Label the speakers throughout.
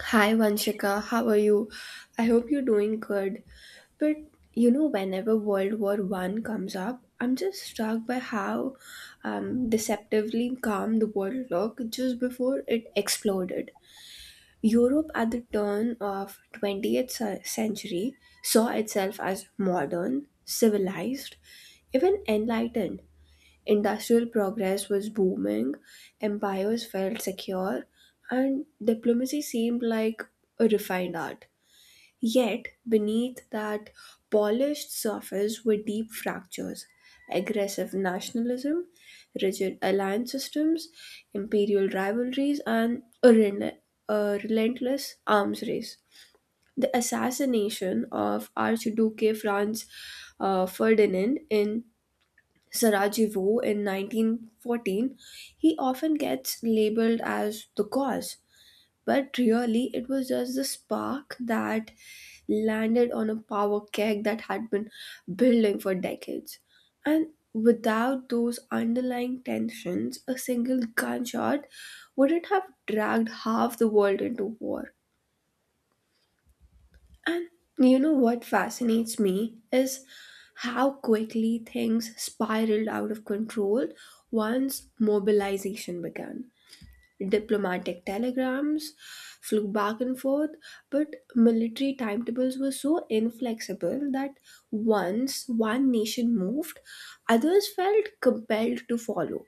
Speaker 1: Hi Vanshika, how are you? I hope you're doing good. But you know, whenever World War One comes up, I'm just struck by how deceptively calm the world looked just before it exploded. Europe at the turn of 20th century saw itself as modern, civilized, even enlightened. Industrial progress was booming, empires felt secure, and diplomacy seemed like a refined art. Yet, beneath that polished surface were deep fractures, aggressive nationalism, rigid alliance systems, imperial rivalries, and a relentless arms race. The assassination of Archduke Franz Ferdinand in Sarajevo in 1914, he often gets labeled as the cause, but really it was just the spark that landed on a power keg that had been building for decades. And without those underlying tensions, a single gunshot wouldn't have dragged half the world into war. And you know what fascinates me is how quickly things spiraled out of control once mobilization began. Diplomatic telegrams flew back and forth, but military timetables were so inflexible that once one nation moved, others felt compelled to follow.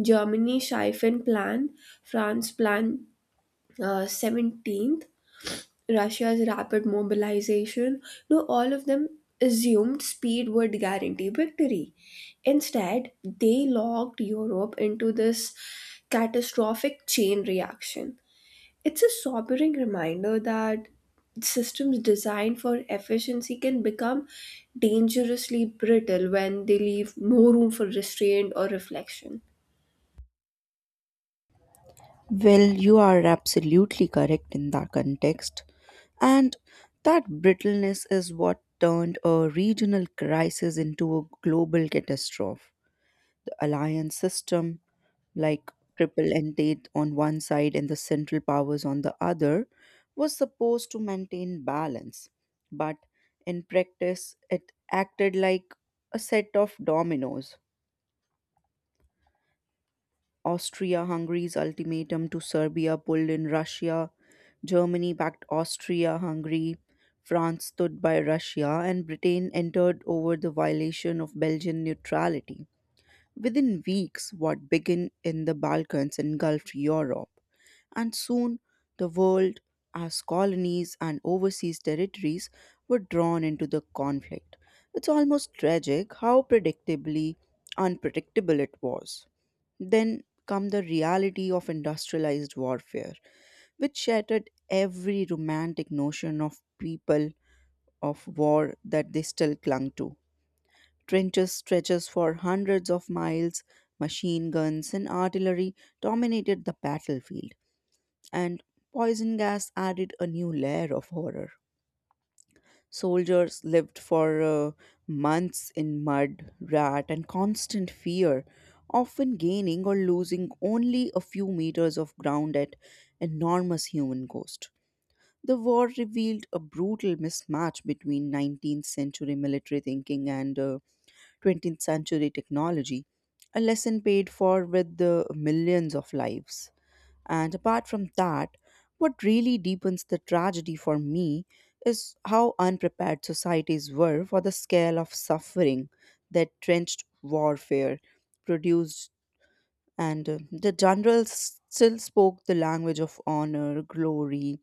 Speaker 1: Germany Schlieffen Plan, France Plan 17th, Russia's rapid mobilization, no, all of them assumed speed would guarantee victory. Instead, they locked Europe into this catastrophic chain reaction. It's a sobering reminder that systems designed for efficiency can become dangerously brittle when they leave no room for restraint or reflection.
Speaker 2: Well, you are absolutely correct in that context. And that brittleness is what turned a regional crisis into a global catastrophe. The alliance system, like triple entente on one side and the central powers on the other, was supposed to maintain balance. But in practice, it acted like a set of dominoes. Austria Hungary's ultimatum to Serbia pulled in Russia. Germany backed Austria Hungary. France stood by Russia, and Britain entered over the violation of Belgian neutrality. Within weeks, what began in the Balkans engulfed Europe, and soon the world, as colonies and overseas territories, were drawn into the conflict. It's almost tragic how predictably unpredictable it was. Then come the reality of industrialized warfare, which shattered every romantic notion of people of war that they still clung to. Trenches stretches for hundreds of miles, machine guns and artillery dominated the battlefield, and poison gas added a new layer of horror. Soldiers lived for months in mud, rat, and constant fear, often gaining or losing only a few meters of ground at enormous human cost. The war revealed a brutal mismatch between 19th century military thinking and 20th century technology, a lesson paid for with the millions of lives. And apart from that, what really deepens the tragedy for me is how unprepared societies were for the scale of suffering that trenched warfare produced. And the generals still spoke the language of honor, glory,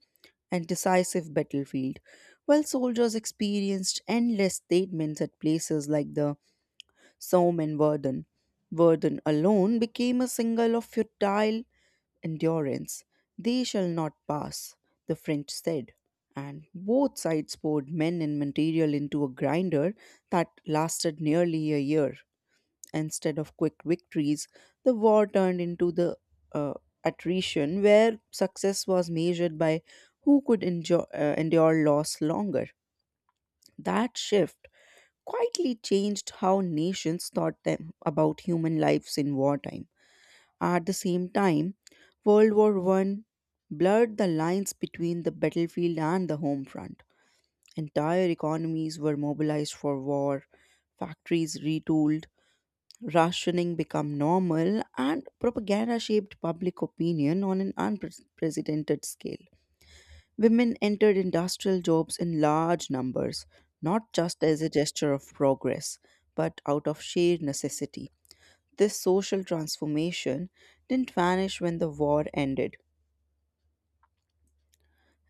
Speaker 2: and decisive battlefield, while soldiers experienced endless statements at places like the Somme and Verdun. Verdun alone became a symbol of futile endurance. They shall not pass, the French said. And both sides poured men and material into a grinder that lasted nearly a year. Instead of quick victories, the war turned into the uh, attrition where success was measured by who could endure loss longer. That shift quietly changed how nations thought them about human lives in wartime. At the same time, World War One blurred the lines between the battlefield and the home front. Entire economies were mobilized for war, factories retooled, rationing became normal, and propaganda shaped public opinion on an unprecedented scale. Women entered industrial jobs in large numbers, not just as a gesture of progress, but out of sheer necessity. This social transformation didn't vanish when the war ended,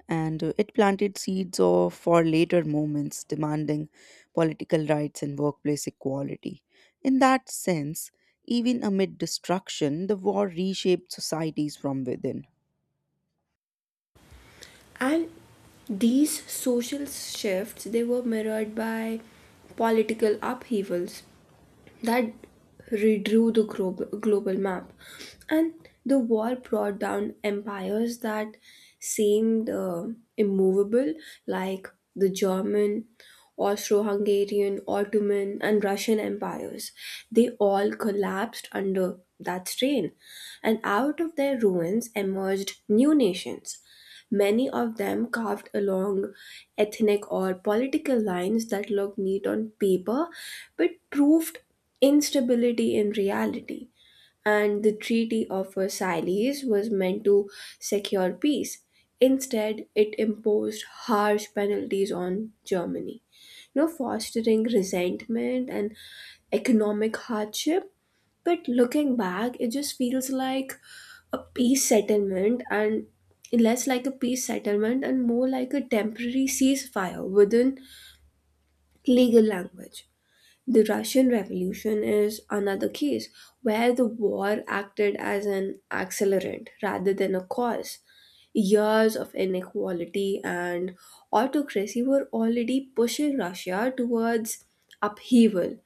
Speaker 2: and it planted seeds for later movements demanding political rights and workplace equality. In that sense, even amid destruction, the war reshaped societies from within.
Speaker 1: And these social shifts, they were mirrored by political upheavals that redrew the global map, and the war brought down empires that seemed immovable, like the German, Austro-Hungarian, Ottoman, and Russian empires. They all collapsed under that strain, and out of their ruins emerged new nations, many of them carved along ethnic or political lines that looked neat on paper but proved instability in reality. And the Treaty of Versailles was meant to secure peace. Instead, it imposed harsh penalties on Germany, you know, fostering resentment and economic hardship. But looking back, it just feels like a peace settlement and less like a peace settlement and more like a temporary ceasefire within legal language. The Russian Revolution is another case where the war acted as an accelerant rather than a cause. Years of inequality and autocracy were already pushing Russia towards upheaval,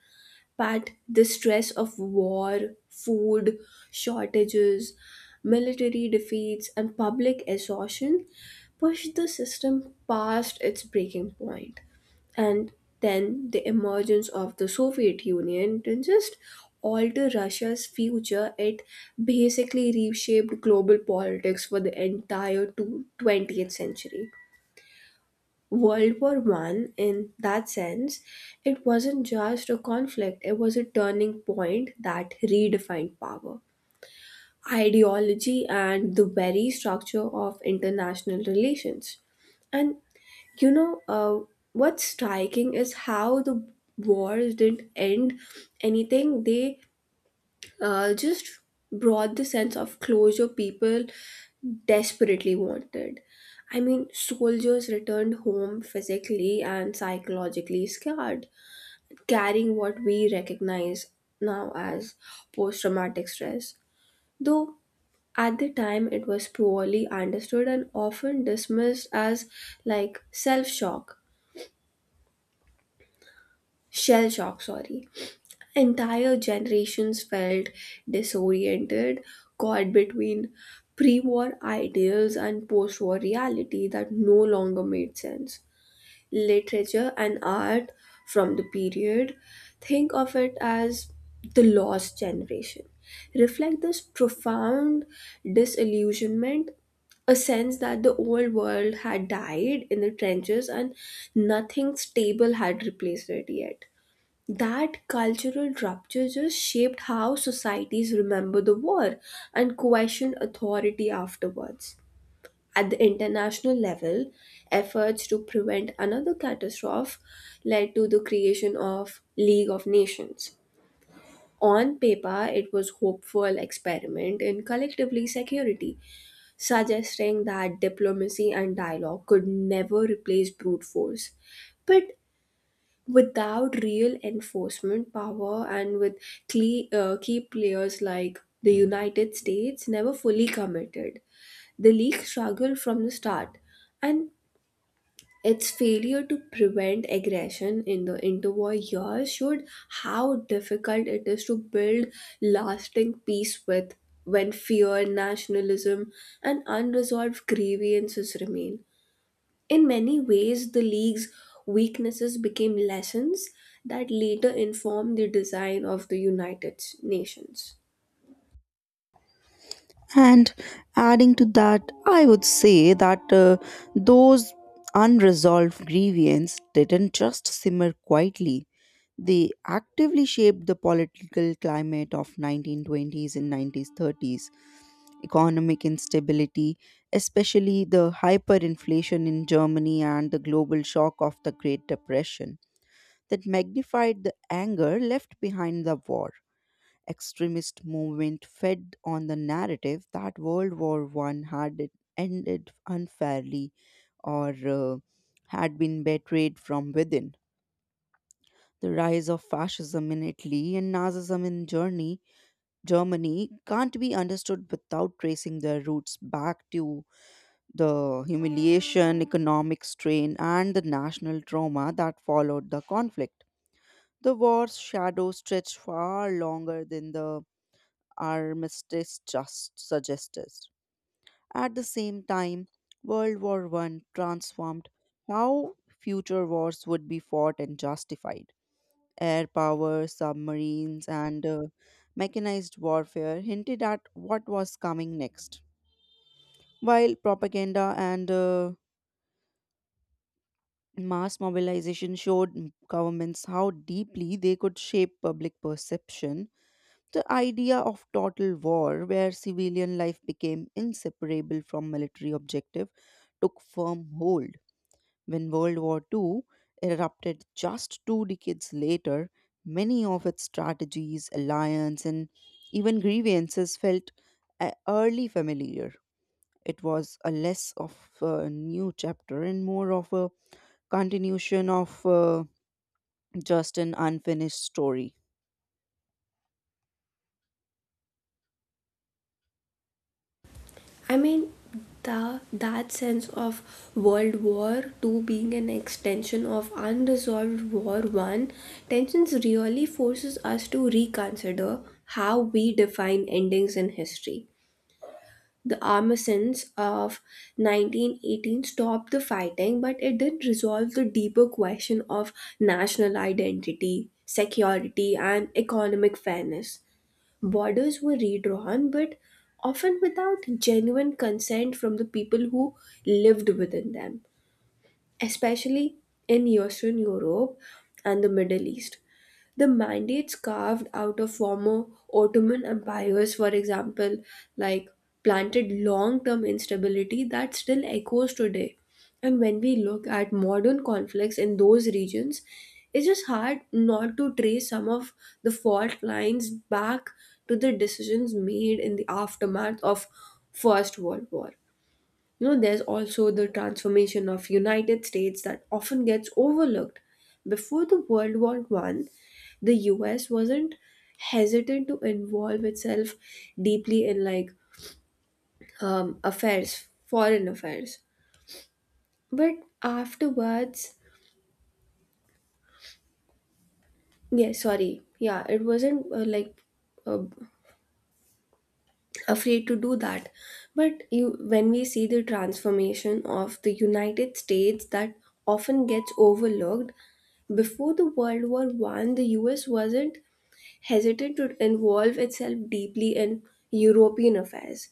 Speaker 1: but the stress of war, food shortages, military defeats, and public exhaustion pushed the system past its breaking point. And then the emergence of the Soviet Union didn't just alter Russia's future, it basically reshaped global politics for the entire 20th century. World War One, in that sense, it wasn't just a conflict, it was a turning point that redefined power, ideology, and the very structure of international relations. And you know, uh, what's striking is how the wars didn't end anything, they just brought the sense of closure people desperately wanted. I mean, soldiers returned home physically and psychologically scarred, carrying what we recognize now as post traumatic stress. Though at the time it was poorly understood and often dismissed as like self shock, shell shock, sorry. Entire generations felt disoriented, caught between pre war ideals and post war reality that no longer made sense. Literature and art from the period, think of it as the lost generation, reflect this profound disillusionment, a sense that the old world had died in the trenches and nothing stable had replaced it yet. That cultural rupture just shaped how societies remember the war and question authority afterwards. At the international level, efforts to prevent another catastrophe led to the creation of League of Nations. On paper, it was hopeful experiment in collectively security, suggesting that diplomacy and dialogue could never replace brute force. But without real enforcement power and with key players like the United States never fully committed, the league struggled from the start, and its failure to prevent aggression in the interwar years showed how difficult it is to build lasting peace with when fear, nationalism, and unresolved grievances remain. In many ways, the league's weaknesses became lessons that later informed the design of the United Nations.
Speaker 2: And adding to that, I would say that those unresolved grievances didn't just simmer quietly. They actively shaped the political climate of 1920s and 1930s. Economic instability, especially the hyperinflation in Germany and the global shock of the Great Depression, that magnified the anger left behind the war. Extremist movement fed on the narrative that World War One had ended unfairly or had been betrayed from within. The rise of fascism in Italy and Nazism in Germany, Germany can't be understood without tracing their roots back to the humiliation, economic strain, and the national trauma that followed the conflict. The war's shadow stretched far longer than the armistice just suggested. At the same time, World War One transformed how future wars would be fought and justified. Air power, submarines, and mechanized warfare hinted at what was coming next, while propaganda and mass mobilization showed governments how deeply they could shape public perception. The idea of total war, where civilian life became inseparable from military objective, took firm hold. When World War II erupted just 2 decades later, many of its strategies, alliances, and even grievances felt early familiar. It was a less of a new chapter and more of a continuation of just an unfinished story.
Speaker 1: I mean, that sense of World War Two being an extension of unresolved War One tensions really forces us to reconsider how we define endings in history. The armistice of 1918 stopped the fighting, but it didn't resolve the deeper question of national identity, security, and economic fairness. Borders were redrawn, but often without genuine consent from the people who lived within them, especially in Eastern Europe and the Middle East. The mandates carved out of former Ottoman empires, for example, like planted long term instability that still echoes today. And when we look at modern conflicts in those regions, it's just hard not to trace some of the fault lines back to the decisions made in the aftermath of First World War. You know, there's also the transformation of United States that often gets overlooked. Before the World War One, the US wasn't hesitant to involve itself deeply in like affairs, foreign affairs. But afterwards, yeah, sorry, yeah, it wasn't like uh, afraid to do that, but you when we see the transformation of the united states that often gets overlooked before the world war 1, the us wasn't hesitant to involve itself deeply in european affairs,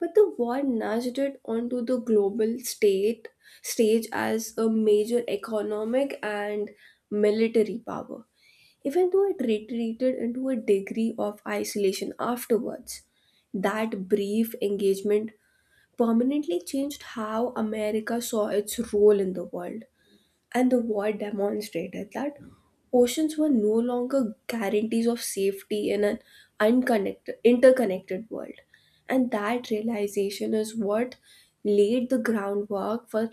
Speaker 1: but the war nudged it onto the global state stage as a major economic and military power, even though it retreated into a degree of isolation afterwards. That brief engagement permanently changed how America saw its role in the world, and the war demonstrated that oceans were no longer guarantees of safety in an unconnected, interconnected world. And that realization is what laid the groundwork for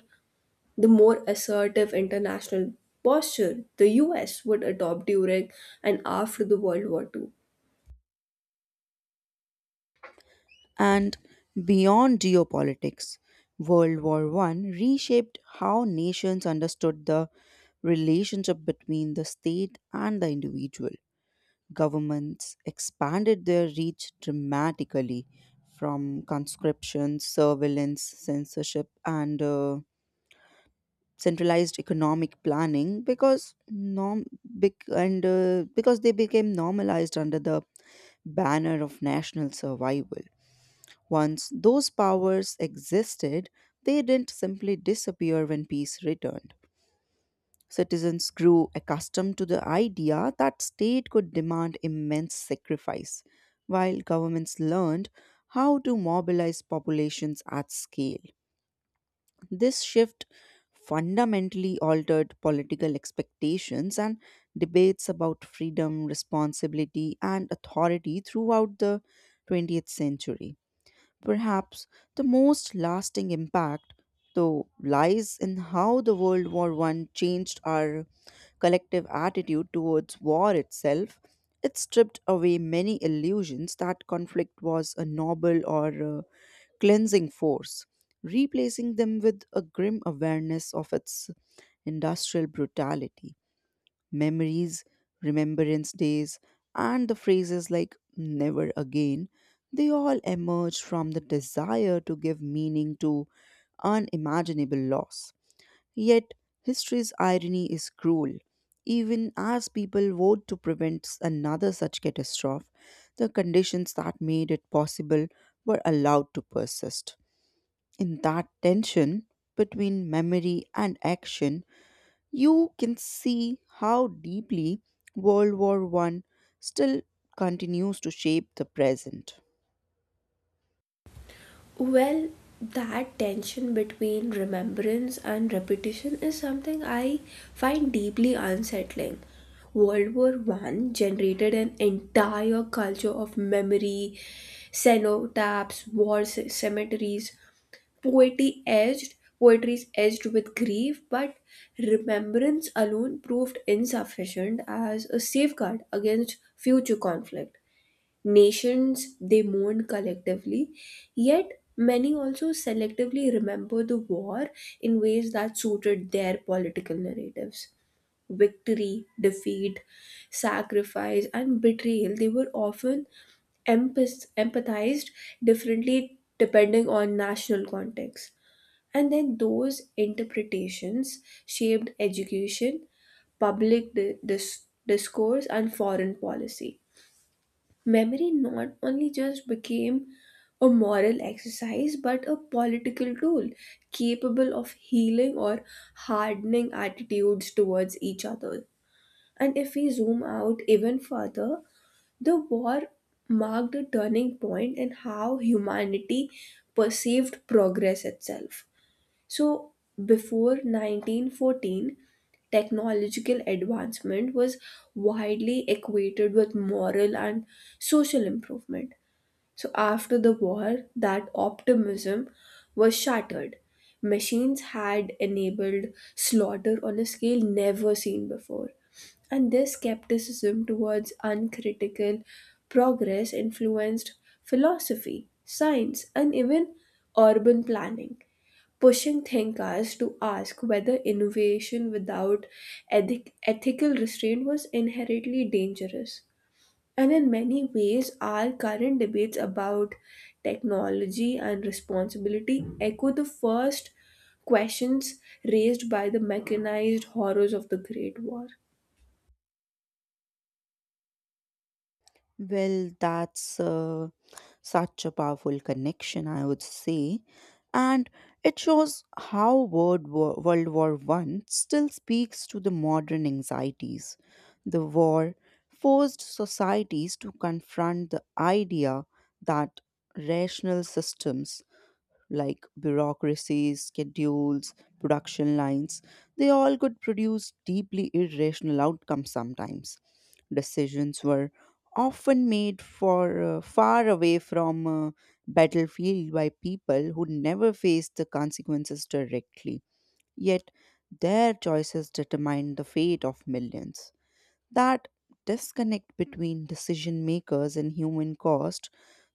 Speaker 1: the more assertive international posture the US would adopt during and after the World War II.
Speaker 2: And beyond geopolitics, World War One reshaped how nations understood the relationship between the state and the individual. Governments expanded their reach dramatically from conscription, surveillance, censorship, and centralized economic planning, because they became normalized under the banner of national survival. Once those powers existed, they didn't simply disappear when peace returned. Citizens grew accustomed to the idea that state could demand immense sacrifice, while governments learned how to mobilize populations at scale. This shift fundamentally altered political expectations and debates about freedom, responsibility, and authority throughout the 20th century. Perhaps the most lasting impact, though, lies in how the World War One changed our collective attitude towards war itself. It stripped away many illusions that conflict was a noble or cleansing force, replacing them with a grim awareness of its industrial brutality. Memories, remembrance days, and the phrases like never again, they all emerged from the desire to give meaning to unimaginable loss. Yet, history's irony is cruel. Even as people vote to prevent another such catastrophe, the conditions that made it possible were allowed to persist. In that tension between memory and action, you can see how deeply World War One still continues to shape the present.
Speaker 1: Well, that tension between remembrance and repetition is something I find deeply unsettling. World War One generated an entire culture of memory, cenotaphs, war cemeteries, Poetry edged, poetry is edged with grief, but remembrance alone proved insufficient as a safeguard against future conflict. Nations, they mourn collectively, yet many also selectively remember the war in ways that suited their political narratives. Victory, defeat, sacrifice, and betrayal, they were often empathized differently depending on national context, and then those interpretations shaped education, public discourse, and foreign policy. Memory not only just became a moral exercise but a political tool capable of healing or hardening attitudes towards each other. And if we zoom out even further, the war marked a turning point in how humanity perceived progress itself. So, before 1914, technological advancement was widely equated with moral and social improvement. So, after the war, that optimism was shattered. Machines had enabled slaughter on a scale never seen before. And this skepticism towards uncritical progress influenced philosophy, science, and even urban planning, pushing thinkers to ask whether innovation without ethical restraint was inherently dangerous. And in many ways, our current debates about technology and responsibility echo the first questions raised by the mechanized horrors of the Great War.
Speaker 2: Well, that's such a powerful connection, I would say. And it shows how World War One still speaks to the modern anxieties. The war forced societies to confront the idea that rational systems like bureaucracies, schedules, production lines. They all could produce deeply irrational outcomes sometimes. Decisions were often made for far away from battlefield by people who never faced the consequences directly. Yet their choices determined the fate of millions. That disconnect between decision makers and human cost,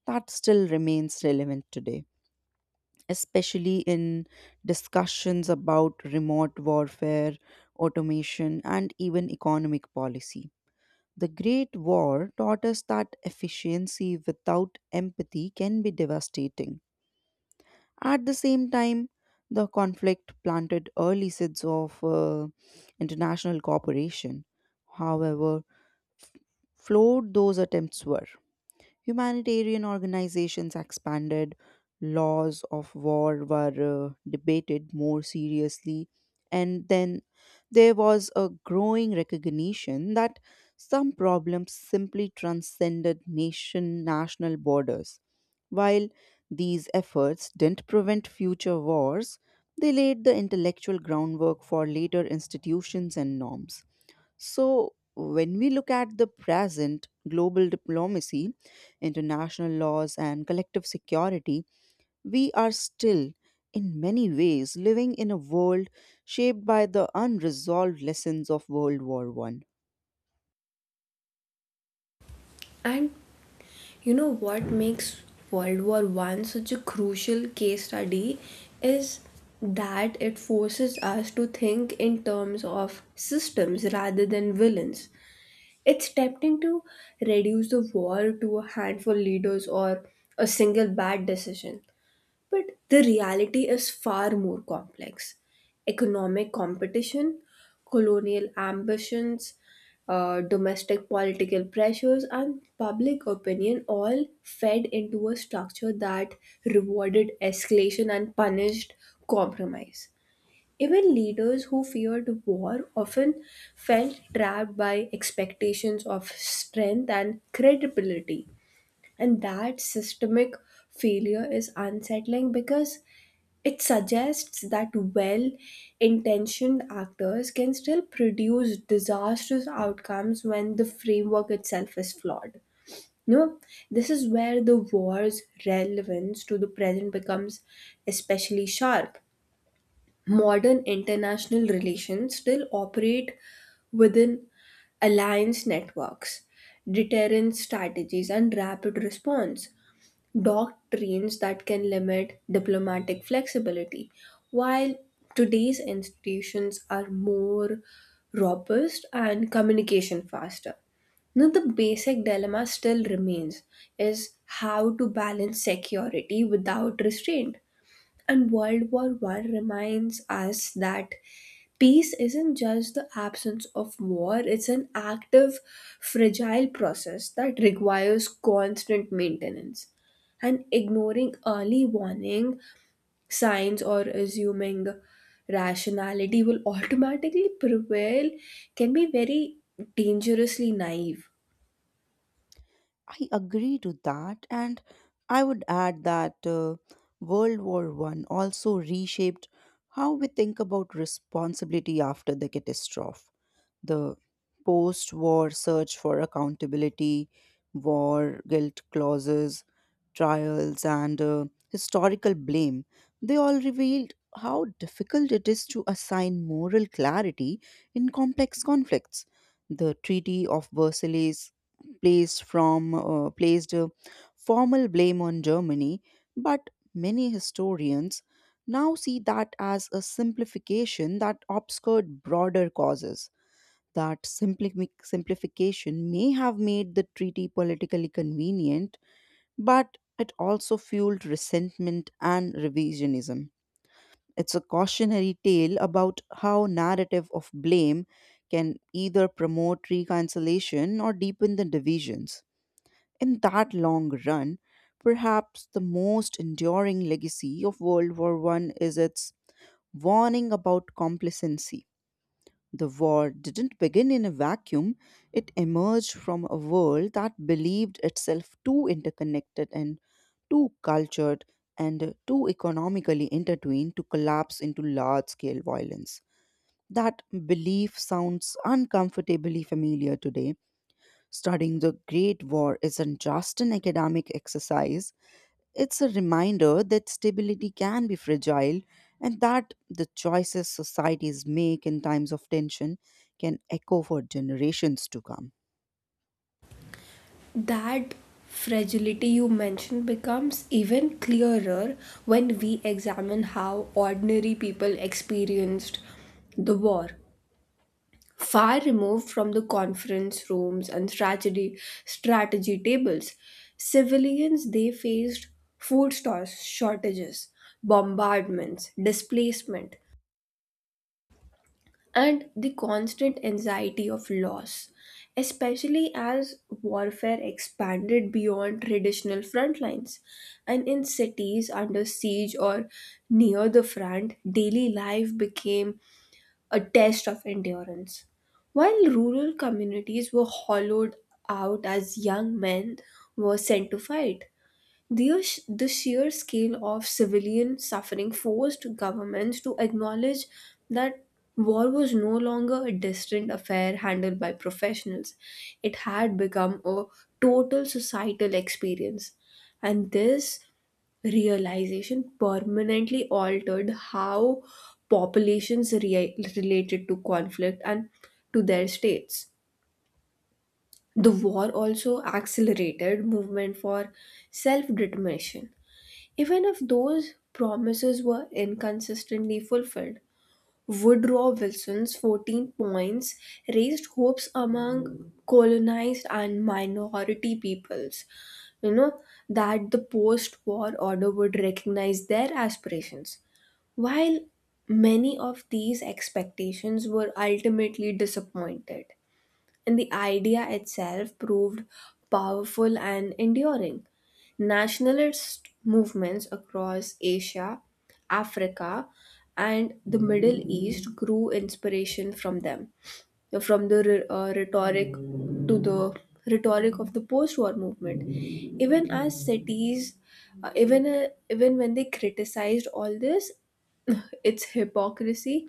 Speaker 2: that still remains relevant today, especially in discussions about remote warfare, automation, and even economic policy. The Great War taught us that efficiency without empathy can be devastating. At the same time, the conflict planted early seeds of international cooperation. However f- flawed those attempts were, humanitarian organizations expanded, laws of war were debated more seriously, and then there was a growing recognition that some problems simply transcended national borders. While these efforts didn't prevent future wars, they laid the intellectual groundwork for later institutions and norms. So, when we look at the present global diplomacy, international laws, and collective security, we are still, in many ways, living in a world shaped by the unresolved lessons of World War One.
Speaker 1: And you know what makes World War One such a crucial case study is that it forces us to think in terms of systems rather than villains. It's tempting to reduce the war to a handful leaders or a single bad decision. But the reality is far more complex. Economic competition, colonial ambitions, domestic political pressures, and public opinion all fed into a structure that rewarded escalation and punished compromise. Even leaders who feared war often felt trapped by expectations of strength and credibility. And that systemic failure is unsettling because it suggests that well intentioned actors can still produce disastrous outcomes when the framework itself is flawed. No, this is where the war's relevance to the present becomes especially sharp. Modern international relations still operate within alliance networks, deterrence strategies, and rapid response doctrines that can limit diplomatic flexibility. While today's institutions are more robust and communication faster. Now, the basic dilemma still remains is how to balance security without restraint. And World War One reminds us that peace isn't just the absence of war, it's an active, fragile process that requires constant maintenance. And ignoring early warning signs or assuming rationality will automatically prevail can be very dangerously naive.
Speaker 2: I agree to that, and I would add that World War One also reshaped how we think about responsibility after the catastrophe. The post war search for accountability, war guilt clauses, trials, and historical blame, they all revealed how difficult it is to assign moral clarity in complex conflicts. The Treaty of Versailles placed formal blame on Germany, but many historians now see that as a simplification that obscured broader causes. That simplification may have made the treaty politically convenient, but it also fueled resentment and revisionism. It's a cautionary tale about how narrative of blame can either promote reconciliation or deepen the divisions. In that long run, perhaps the most enduring legacy of World War One is its warning about complacency. The war didn't begin in a vacuum, it emerged from a world that believed itself too interconnected and too cultured and too economically intertwined to collapse into large scale violence. That belief sounds uncomfortably familiar today. Studying the Great War isn't just an academic exercise, it's a reminder that stability can be fragile and that the choices societies make in times of tension can echo for generations to come.
Speaker 1: That fragility you mentioned becomes even clearer when we examine how ordinary people experienced the war. Far removed from the conference rooms and strategy tables, civilians, they faced food stores shortages, bombardments, displacement, and the constant anxiety of loss, especially as warfare expanded beyond traditional front lines. And in cities under siege or near the front, daily life became a test of endurance. While rural communities were hollowed out as young men were sent to fight, the sheer scale of civilian suffering forced governments to acknowledge that war was no longer a distant affair handled by professionals. It had become a total societal experience. And this realization permanently altered how populations related to conflict and to their states. The war also accelerated movement for self determination, even if those promises were inconsistently fulfilled. Woodrow Wilson's 14 points raised hopes among colonized and minority peoples, you know, that the post war order would recognize their aspirations. While many of these expectations were ultimately disappointed, and the idea itself proved powerful and enduring. Nationalist movements across Asia, Africa, and the Middle East grew inspiration from them, from the rhetoric to the rhetoric of the post-war movement. Even as cities, even when they criticized all this, its hypocrisy,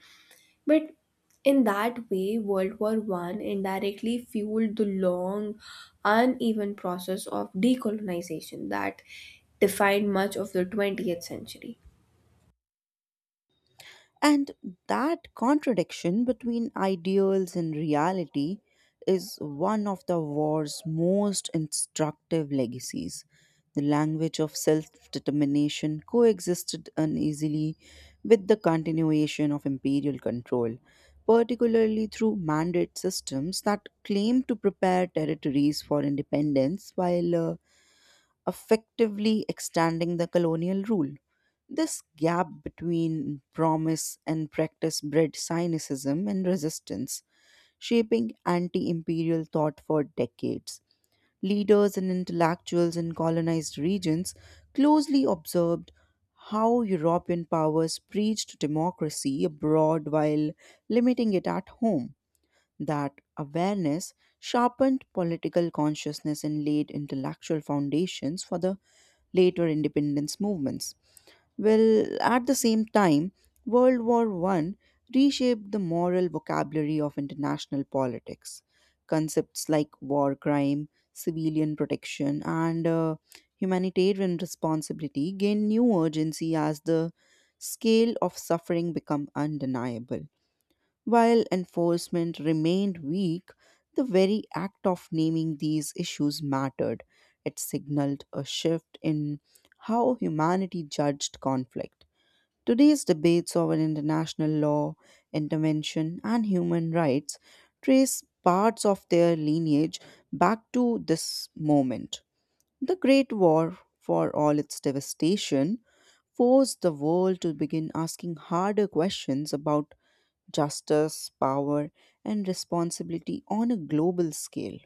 Speaker 1: but in that way, World War One indirectly fueled the long, uneven process of decolonization that defined much of the 20th century.
Speaker 2: And that contradiction between ideals and reality is one of the war's most instructive legacies. The language of self determination coexisted uneasily with the continuation of imperial control, particularly through mandate systems that claimed to prepare territories for independence while effectively extending the colonial rule. This gap between promise and practice bred cynicism and resistance, shaping anti imperial thought for decades. Leaders and intellectuals in colonized regions closely observed how European powers preached democracy abroad while limiting it at home. That awareness sharpened political consciousness and laid intellectual foundations for the later independence movements. Well, at the same time, World War One reshaped the moral vocabulary of international politics. Concepts like war crime, civilian protection, and humanitarian responsibility gained new urgency as the scale of suffering became undeniable. While enforcement remained weak, the very act of naming these issues mattered. It signaled a shift in how humanity judged conflict. Today's debates over international law, intervention, and human rights trace parts of their lineage back to this moment. The Great War, for all its devastation, forced the world to begin asking harder questions about justice, power, and responsibility on a global scale.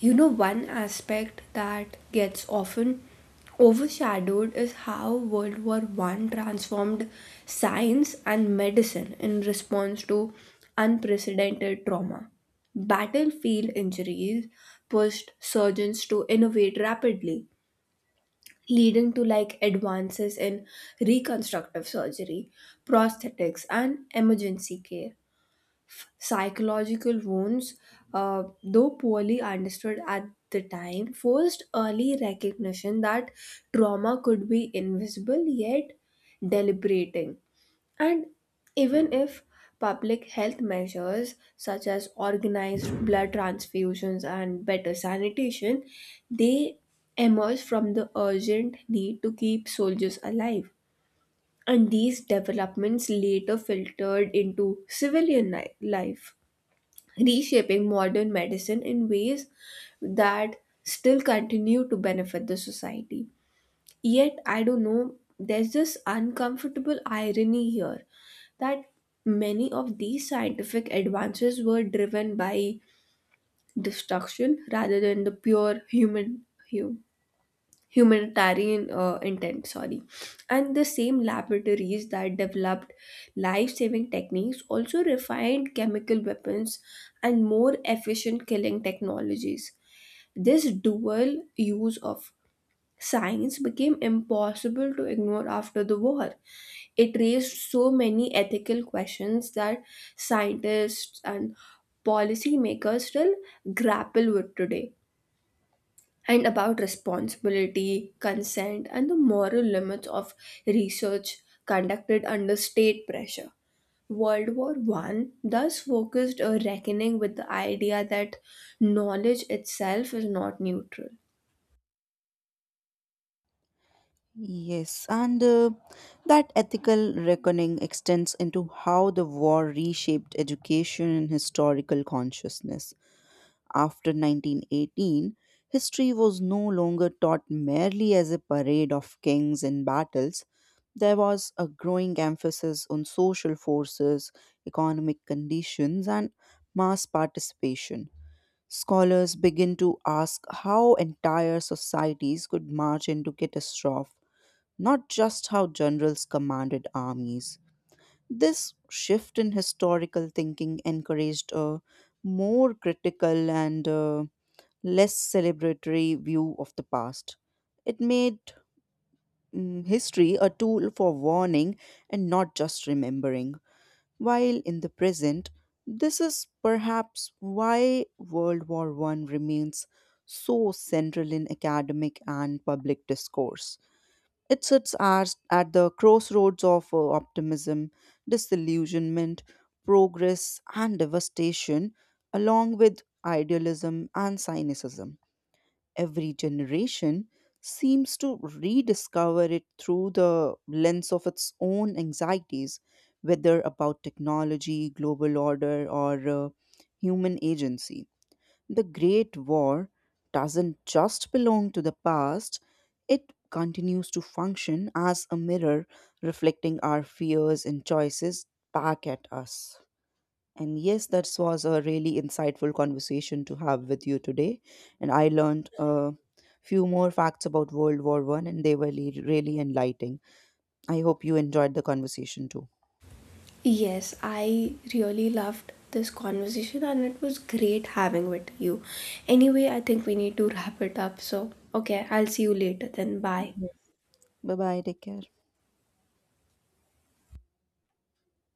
Speaker 1: You know, one aspect that gets often overshadowed is how World War One transformed science and medicine in response to unprecedented trauma. Battlefield injuries pushed surgeons to innovate rapidly, leading to like advances in reconstructive surgery, prosthetics, and emergency care. Psychological wounds, though poorly understood at the time, forced early recognition that trauma could be invisible yet deliberating. And even if public health measures such as organized blood transfusions and better sanitation, they emerge from the urgent need to keep soldiers alive. And these developments later filtered into civilian life, reshaping modern medicine in ways that still continue to benefit the society. Yet, I don't know, there's this uncomfortable irony here that many of these scientific advances were driven by destruction rather than the pure human hu- humanitarian intent, sorry, and the same laboratories that developed life-saving techniques also refined chemical weapons and more efficient killing technologies. This dual use of science became impossible to ignore after the war. It raised so many ethical questions that scientists and policymakers still grapple with today, and about responsibility, consent, and the moral limits of research conducted under state pressure. World War One thus focused a reckoning with the idea that knowledge itself is not neutral.
Speaker 2: Yes, and that ethical reckoning extends into how the war reshaped education and historical consciousness. After 1918, history was no longer taught merely as a parade of kings and battles. There was a growing emphasis on social forces, economic conditions, and mass participation. Scholars begin to ask how entire societies could march into catastrophe, not just how generals commanded armies. This shift in historical thinking encouraged a more critical and less celebratory view of the past. It made history a tool for warning and not just remembering. While in the present, this is perhaps why World War One remains so central in academic and public discourse. It sits as at the crossroads of optimism, disillusionment, progress, and devastation, along with idealism and cynicism. Every generation seems to rediscover it through the lens of its own anxieties, whether about technology, global order, or human agency. The Great War doesn't just belong to the past, it continues to function as a mirror reflecting our fears and choices back at us. And yes, that was a really insightful conversation to have with you today. And I learned a few more facts about World War One, and they were really enlightening. I hope you enjoyed the conversation too.
Speaker 1: Yes, I really loved this conversation and it was great having with you. Anyway, I think we need to wrap it up. So, okay, I'll see you later then. Bye.
Speaker 2: Yes. Bye bye. Take care.